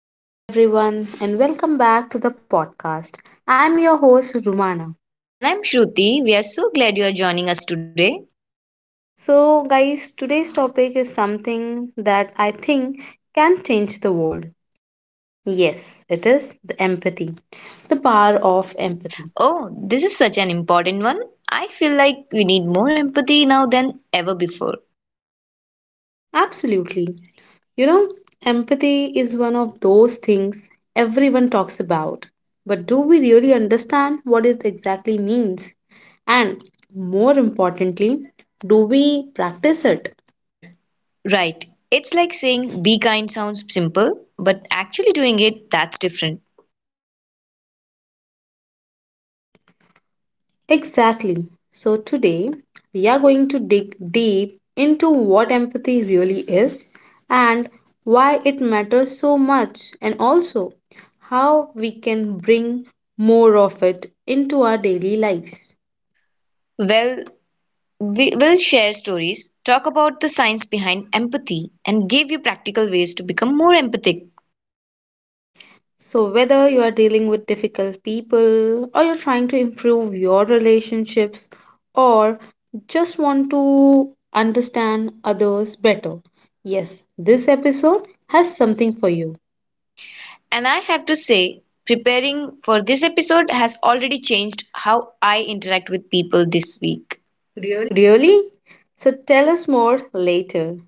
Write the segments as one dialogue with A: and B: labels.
A: Hello, everyone, and welcome back to the podcast. I'm your host, Rumana.
B: And I'm Shruti. We are so glad you are joining us today.
A: Guys, today's topic is something that I think can change the world. Yes, it is the empathy, the power of empathy.
B: Oh, this is such an important one. I feel like we need more empathy now than ever before.
A: Absolutely. You know, empathy is one of those things everyone talks about. But do we really understand what it exactly means? And more importantly, do we practice it?
B: Right. It's like saying be kind sounds simple, but actually doing it, that's different.
A: Exactly. So today we are going to dig deep into what empathy really is and why it matters so much, and also how we can bring more of it into our daily lives.
B: Well, we will share stories, talk about the science behind empathy, and give you practical ways to become more empathic.
A: So whether you are dealing with difficult people, or you're trying to improve your relationships, or just want to understand others better, yes, this episode has something for you.
B: And I have to say, preparing for this episode has already changed how I interact with people this week.
A: Really? So tell us more later.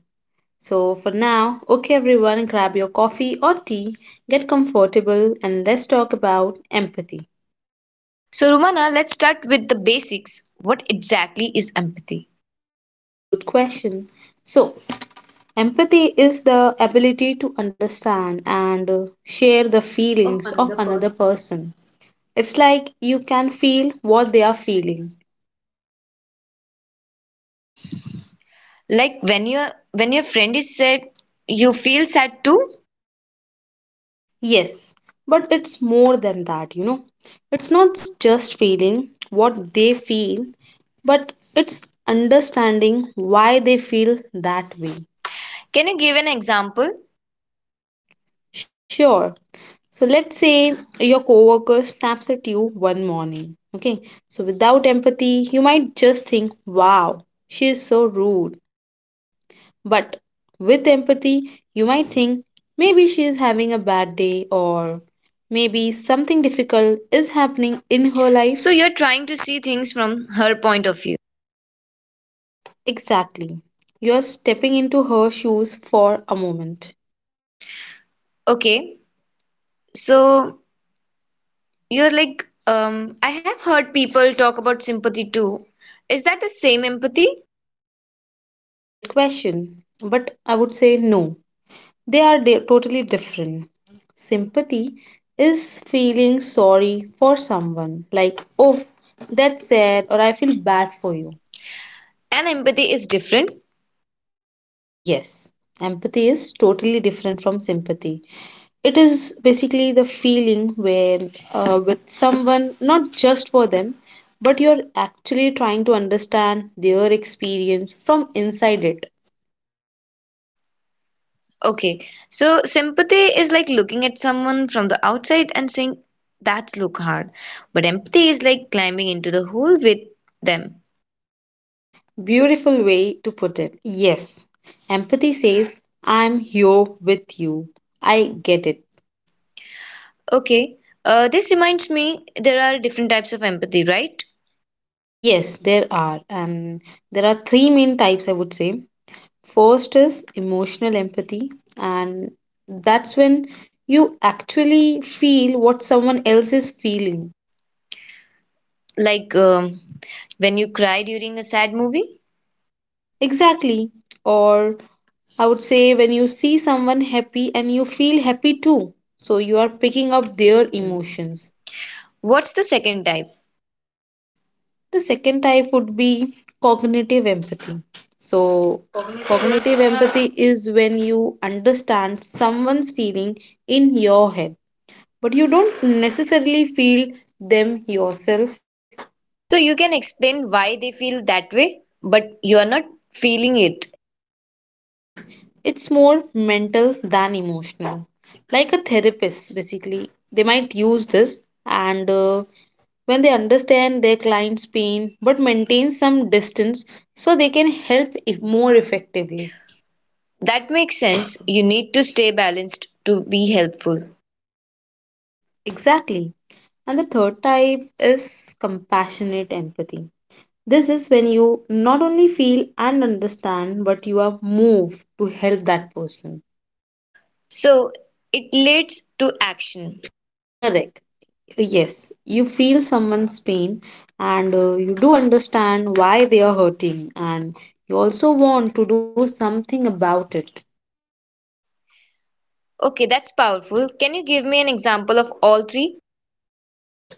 A: So for now, okay everyone, grab your coffee or tea, get comfortable, and let's talk about empathy.
B: So, Rumana, let's start with the basics. What exactly is empathy?
A: Good question. So empathy is the ability to understand and share the feelings of another person. It's like you can feel what they are feeling.
B: Like when your friend is sad, you feel sad too?
A: Yes, but it's more than that, you know. It's not just feeling what they feel, but it's understanding why they feel that way.
B: Can you give an example?
A: Sure. So let's say your coworker snaps at you one morning. Okay. So without empathy, you might just think, wow, she is so rude. But with empathy, you might think, maybe she is having a bad day, or maybe something difficult is happening in her
B: So
A: life.
B: you're trying to see things from her point of view.
A: Exactly. You're stepping into her shoes for a moment.
B: Okay. So you're like, I have heard people talk about sympathy too. Is that the same empathy?
A: Great question. But I would say no. Totally different. Sympathy is feeling sorry for someone, like, oh, that's sad, or I feel bad for you.
B: And empathy is different.
A: Yes, empathy is totally different from sympathy. It is basically the feeling where with someone, not just for them, but you're actually trying to understand their experience from inside it.
B: Okay, so sympathy is like looking at someone from the outside and saying, that's look hard. But empathy is like climbing into the hole with them.
A: Beautiful way to put it. Yes, empathy says, I'm here with you. I get it.
B: Okay, this reminds me there are different types of empathy, right?
A: Yes, there are. And there are three main types, I would say. First is emotional empathy, and that's when you actually feel what someone else is feeling.
B: Like when you cry during a sad movie.
A: Exactly. Or I would say when you see someone happy and you feel happy too. So you are picking up their emotions.
B: What's the second type?
A: The second type would be cognitive empathy. So cognitive empathy is when you understand someone's feeling in your head, but you don't necessarily feel them yourself.
B: So you can explain why they feel that way, but you are not feeling it.
A: Right. It's more mental than emotional. Like a therapist, basically. They might use this and when they understand their client's pain but maintain some distance so they can help if more effectively.
B: That makes sense. You need to stay balanced to be helpful.
A: Exactly. And the third type is compassionate empathy. This is when you not only feel and understand, but you are moved to help that person.
B: So it leads to action.
A: Correct. Yes, you feel someone's pain and you do understand why they are hurting, and you also want to do something about it.
B: Okay, that's powerful. Can you give me an example of all three?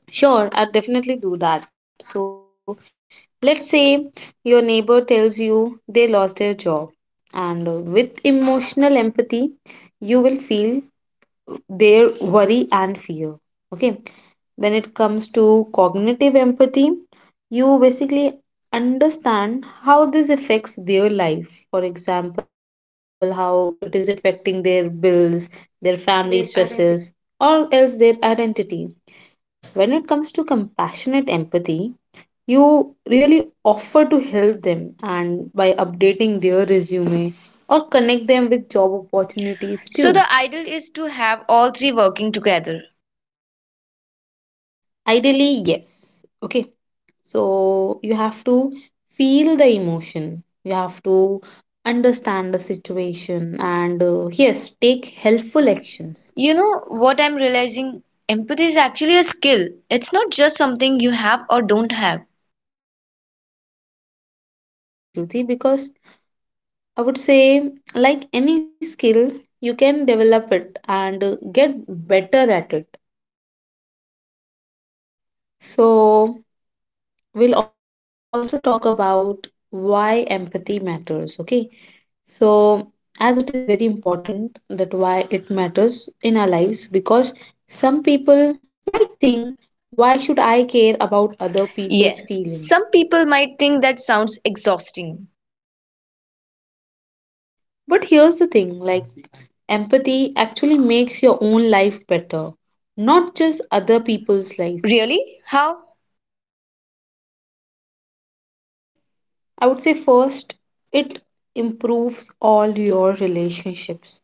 A: Sure, I'll definitely do that. So let's say your neighbor tells you they lost their job, and with emotional empathy, you will feel their worry and fear. Okay, when it comes to cognitive empathy, you basically understand how this affects their life. For example, how it is affecting their bills, their family stresses, or else their identity. When it comes to compassionate empathy, you really offer to help them and by updating their resume or connect them with job opportunities
B: So
A: too.
B: the ideal is to have all three working together.
A: Ideally, yes. Okay, so you have to feel the emotion, you have to understand the situation, and yes, take helpful actions.
B: You know what I'm realizing? Empathy is actually a skill. It's not just something you have or don't have.
A: Absolutely, Shruti, because I would say, like any skill, you can develop it and get better at it. So we'll also talk about why empathy matters, okay? So as it is very important that why it matters in our lives, because some people might think, why should I care about other people's
B: Yeah,
A: feeling?
B: some people might think that sounds exhausting.
A: But here's the thing like, empathy actually makes your own life better, not just other people's life.
B: Really? How?
A: Well, I would say first, it improves all your relationships.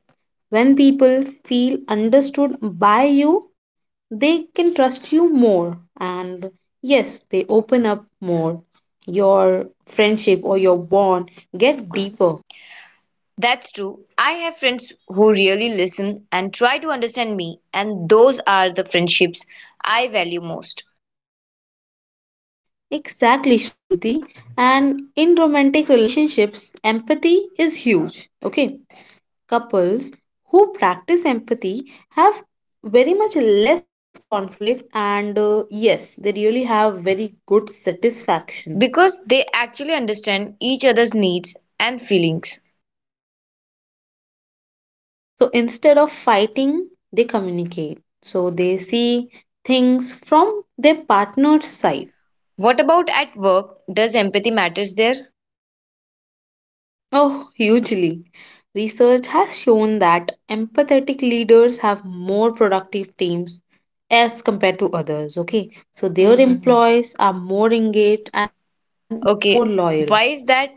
A: When people feel understood by you, they can trust you more. And yes, they open up more. Your friendship or your bond get deeper.
B: That's true. I have friends who really listen and try to understand me, and those are the friendships I value most.
A: Exactly, Shruti. And in romantic relationships, empathy is huge. Okay, couples who practice empathy have very much less conflict, and yes, they really have very good satisfaction.
B: Because they actually understand each other's needs and feelings.
A: Yes, so instead of fighting they communicate, so they see things from their partner's side.
B: What about at work? Does empathy matters there?
A: Oh, hugely. Research has shown that empathetic leaders have more productive teams as compared to others. Okay, so their, mm-hmm, employees are more engaged and more loyal.
B: Okay, why is that?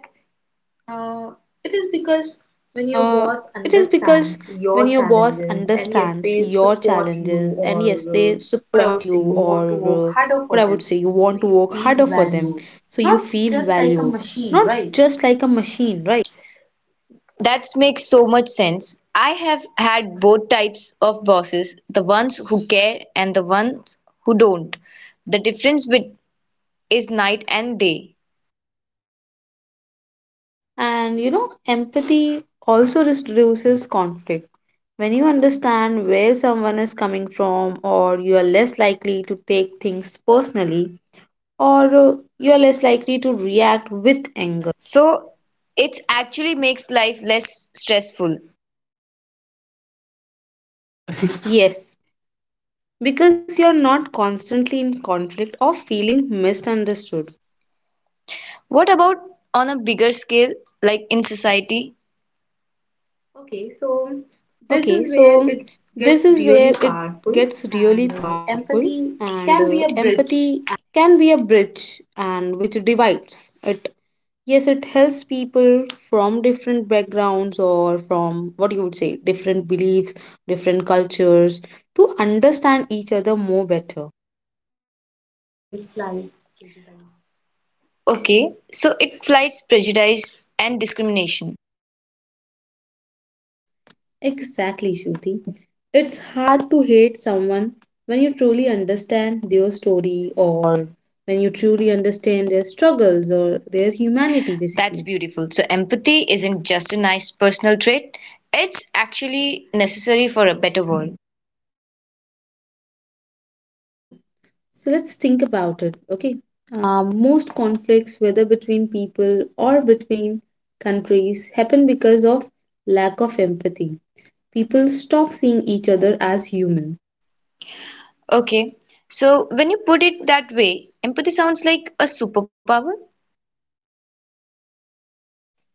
A: Uh, it is because when your boss understands your challenges and yes, they support you, or uh, what I would say, you want to work harder for them, so you feel valued, not just like a machine, right?
B: That makes so much sense. I have had both types of bosses, the ones who care and the ones who don't. The difference bet- is night and day.
A: And you know, empathy also just reduces conflict. When you understand where someone is coming from, or you are less likely to take things personally, or you are less likely to react with anger.
B: So it actually makes life less stressful.
A: Yes, because you're not constantly in conflict or feeling misunderstood.
B: What about on a bigger scale, like in society?
A: Okay, so this is where it gets really powerful, and empathy can be a bridge and which divides it. Yes, it helps people from different backgrounds or from what you would say, different beliefs, different cultures to understand each other more better.
B: Okay, so it fights prejudice and discrimination.
A: Exactly, Shruti. It's hard to hate someone when you truly understand their story, or when you truly understand their struggles or their humanity,
B: That's
A: basically.
B: beautiful. So empathy isn't just a nice personal trait, it's actually necessary for a better world.
A: I believe so. So let's think about it, okay? Most conflicts, whether between people or between countries, happen because of lack of empathy. People stop seeing each other as human.
B: Okay, so when you put it that way, empathy sounds like a superpower.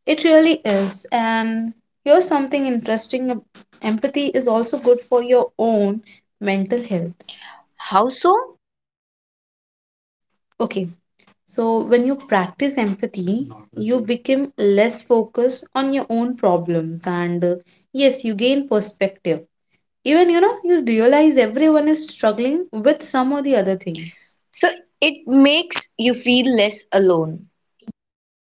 A: It really is. And here's something interesting. Empathy is also good for your own mental health.
B: How so?
A: Okay, so when you practice empathy, you become less focused on your own problems, and yes, you gain perspective. Even you know, you realize everyone is struggling with some or the other thing.
B: So it makes you feel less alone.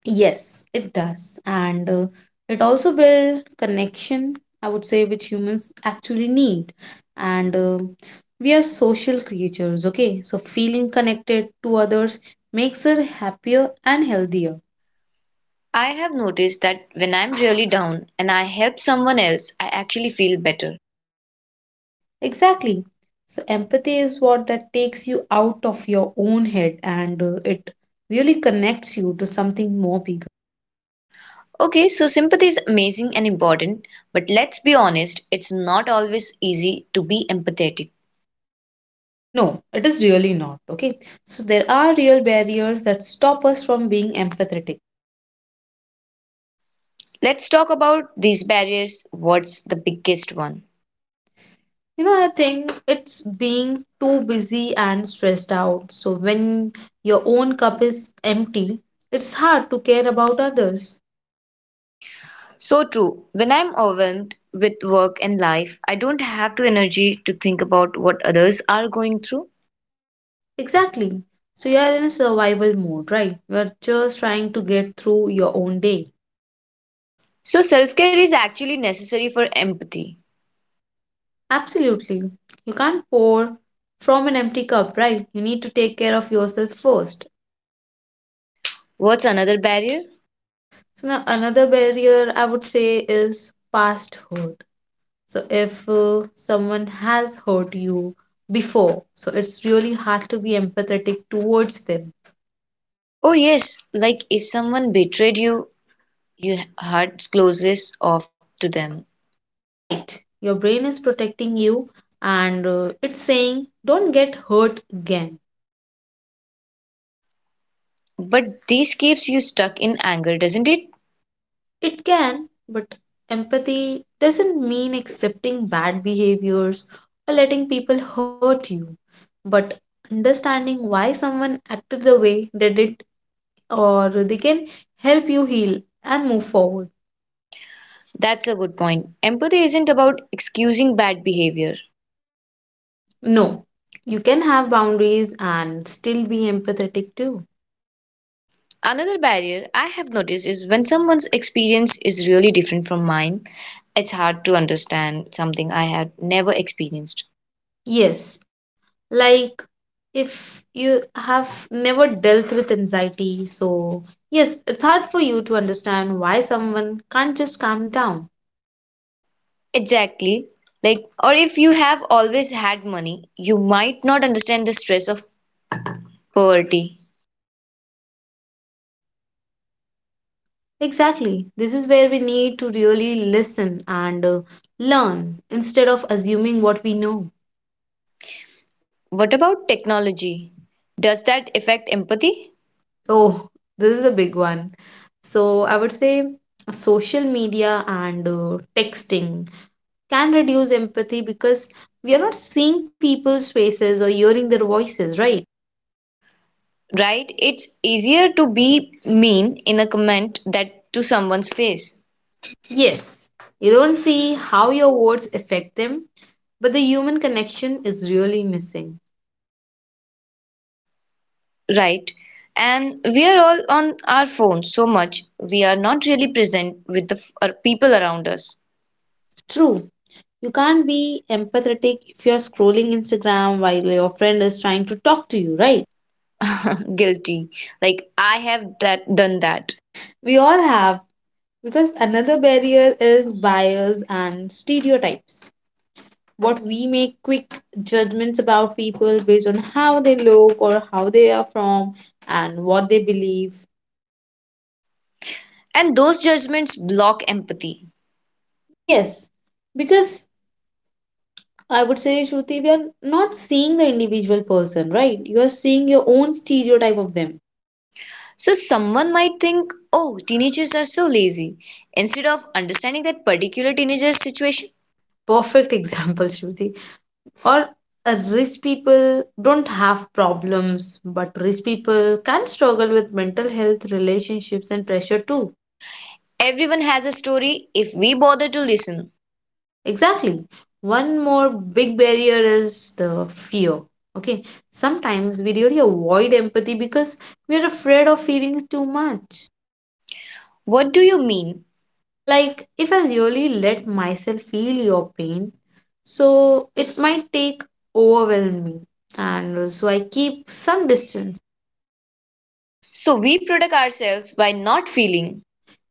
A: Yes, it does. And it also build connection, I would say, which humans actually need. And we are social creatures, okay? So feeling connected to others makes her happier and healthier.
B: I have noticed that when I'm really down and I help someone else, I actually feel better.
A: Exactly. So empathy is what that takes you out of your own head and it really connects you to something more big.
B: Okay, so sympathy is amazing and important, but let's be honest, it's not always easy to be empathetic.
A: No, it is really not, okay? So there are real barriers that stop us from being empathetic.
B: Let's talk about these barriers. What's the biggest one?
A: You know, I think it's being too busy and stressed out. So when your own cup is empty, it's hard to care about others.
B: So true. When I'm overwhelmed with work and life, I don't have the energy to think about what others are going through.
A: Exactly. So you are in a survival mode, right? You are just trying to get through your own day.
B: So self care is actually necessary for empathy.
A: Absolutely. You can't pour from an empty cup, right? You need to take care of yourself first.
B: What's another barrier?
A: So now another barrier I would say is past hurt. So if someone has hurt you before, so it's really hard to be empathetic towards them.
B: Oh, yes, like if someone betrayed you, your heart closes off to them.
A: Right. Your brain is protecting you and it's saying don't get hurt again.
B: But this keeps you stuck in anger, doesn't it?
A: It can, but empathy doesn't mean accepting bad behaviors or letting people hurt you, but understanding why someone acted the way they did, or they can help you heal and move forward.
B: That's a good point. Empathy isn't about excusing bad behavior.
A: No, you can have boundaries and still be empathetic too.
B: Another barrier I have noticed is when someone's experience is really different from mine, it's hard to understand something I had never experienced.
A: Yes, like if you have never dealt with anxiety, so yes, it's hard for you to understand why someone can't just calm down.
B: Exactly. Like, or if you have always had money, you might not understand the stress of poverty.
A: Exactly, this is where we need to really listen and learn instead of assuming what we know.
B: What about technology? Does that affect empathy?
A: Oh, this is a big one. So I would say social media and texting can reduce empathy because we are not seeing people's faces or hearing their voices, right?
B: Right? It's easier to be mean in a comment that to someone's face,
A: Yes, you don't see how your words affect them, but the human connection is really missing.
B: right? And we are all on our phones so much, we are not really present with our people around us.
A: True, you can't be empathetic if you're scrolling Instagram while your friend is trying to talk to you, right?
B: Guilty. Like, I have that, done that.
A: We all have, because another barrier is bias and stereotypes, what we make quick judgments about people based on how they look or how they are from and what they believe.
B: And those judgments block empathy.
A: Yes, because I would say, Shruti, we are not seeing the individual person, right? You are seeing your own stereotype of them.
B: So someone might think, oh, teenagers are so lazy. Instead of understanding that particular teenager's situation,
A: Perfect example, Shruti. Or rich people don't have problems, but rich people can struggle with mental health, relationships, and pressure too.
B: everyone has a story if we bother to listen.
A: Exactly. One more big barrier is the fear. Okay. Sometimes we really avoid empathy because we're afraid of feeling too much.
B: What do you mean?
A: Like, if I really let myself feel your pain, so it might take overwhelm me. And so I keep some distance.
B: So we protect ourselves by not feeling.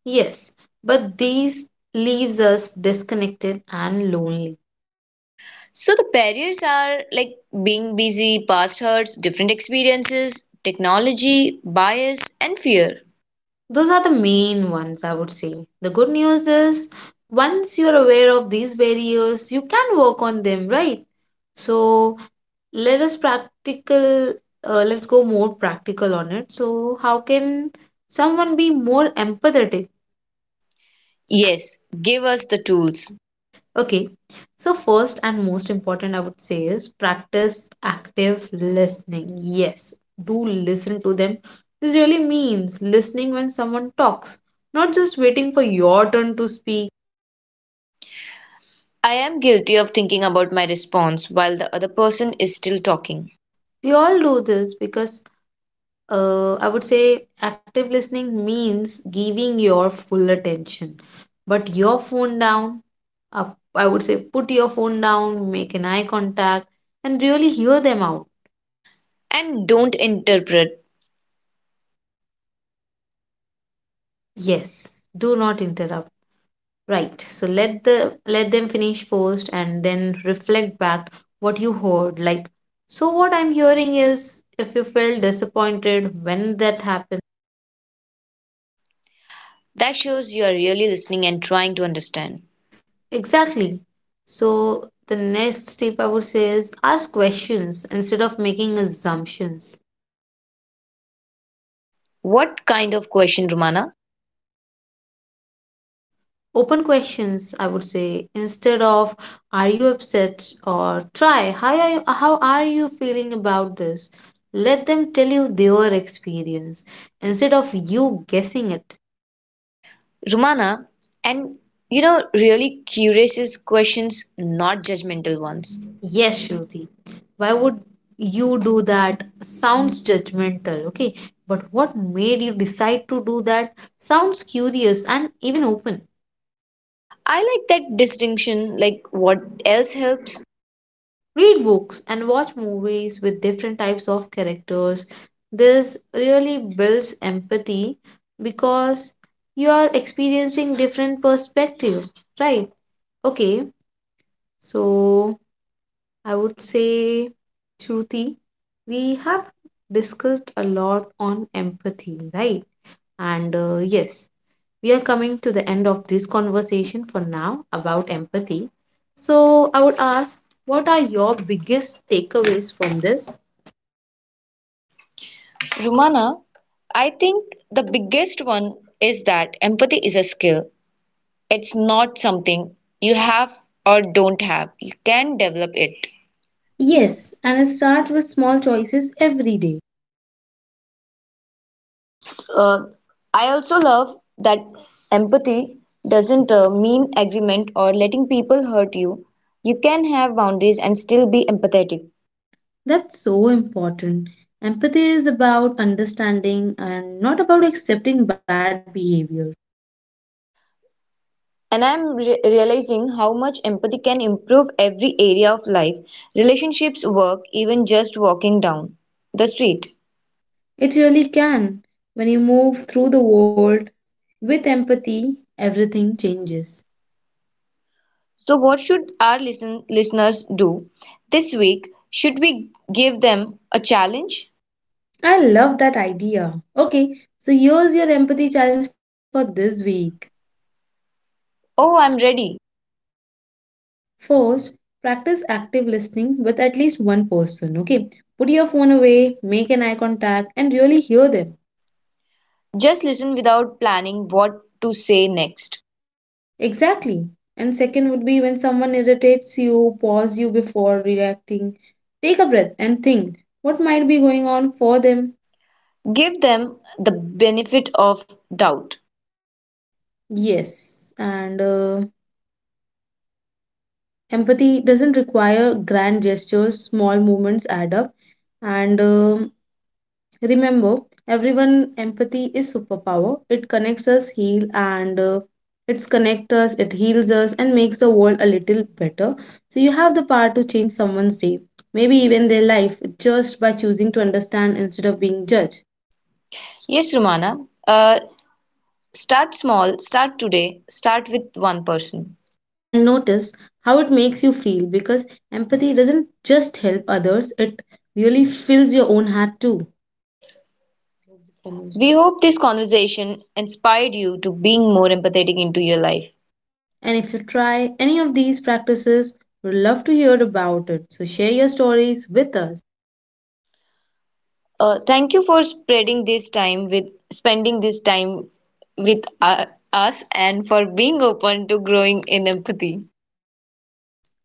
A: Yes, but these leaves us disconnected and lonely.
B: So the barriers are like being busy, past hurts, different experiences, technology, bias, and fear.
A: Those are the main ones, I would say. The good news is, once you're aware of these barriers, you can work on them, right? So let us practical, let's go more practical on it. So how can someone be more empathetic?
B: Yes, give us the tools.
A: Okay, so first and most important, I would say, is practice active listening. Yes, do listen to them. This really means listening when someone talks, not just waiting for your turn to speak.
B: I am guilty of thinking about my response while the other person is still talking.
A: We all do this because I would say active listening means giving your full attention. But your phone down, up, I would say put your phone down, make an eye contact, and really hear them out.
B: And don't interpret.
A: Yes, do not interrupt. Right. So let them finish first and then reflect back what you heard. Like, so what I'm hearing is if you felt disappointed when that happened.
B: That shows you are really listening and trying to understand.
A: Exactly. So the next tip I would say is ask questions instead of making assumptions.
B: What kind of question, Rumana?
A: Okay? Open questions, I would say, instead of "Are you upset?" or "Try how are you feeling about this." Let them tell you their experience instead of you guessing it.
B: Rumana, and you know, really curious questions, not judgmental ones.
A: Yes, Shruti. Why would you do that? Sounds judgmental, okay? But what made you decide to do that? Sounds curious and even open.
B: I like that distinction. Like, what else helps?
A: Read books and watch movies with different types of characters. This really builds empathy because you are experiencing different perspectives, right? Okay, so I would say, Shruti, we have discussed a lot on empathy, right? And yes, we are coming to the end of this conversation for now about empathy. So I would ask, what are your biggest takeaways from this?
B: Rumana, I think the biggest one is that empathy is a skill. It's not something you have or don't have. You can develop it.
A: Yes, and start with small choices every day.
B: Uh, I also love that empathy doesn't mean agreement or letting people hurt you. You can have boundaries and still be empathetic.
A: That's so important. Empathy is about understanding and not about accepting bad behavior.
B: And realizing how much empathy can improve every area of life relationships, work, even just walking down the street.
A: It really can. When you move through the world with empathy, everything changes.
B: So, what should our listeners do this week? Should we give them a challenge?
A: I love that idea. Okay, so here's your empathy challenge for this week.
B: Oh, I'm ready.
A: First, practice active listening with at least one person. Okay, put your phone away, make an eye contact, and really hear them.
B: Just listen without planning what to say next.
A: Exactly. And second would be when someone irritates you, pause you before reacting. Take a breath and think what might be going on for them.
B: Give them the benefit of doubt.
A: Yes, and empathy doesn't require grand gestures, small movements add up. And remember, everyone empathy is superpower. It connects us, heal and it's connect us, it heals us and makes the world a little better. So you have the power to change someone's day, maybe even their life just by choosing to understand instead of being judged.
B: Yes, Romana, uh, start small, start today, start with one person.
A: And notice how it makes you feel because empathy doesn't just help others, it really fills your own heart too.
B: We hope this conversation inspired you to being more empathetic into your life.
A: And if you try any of these practices, we'd love to hear about it. So share your stories with us.
B: Thank you for spreading this time with spending this time with us and for being open to growing in empathy.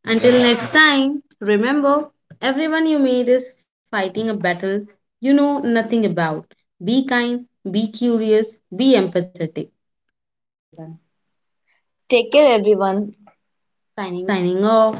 A: Until next time, remember everyone you meet is fighting a battle you know nothing about. Be kind, be curious, be empathetic.
B: Take care, everyone.
A: Signing off.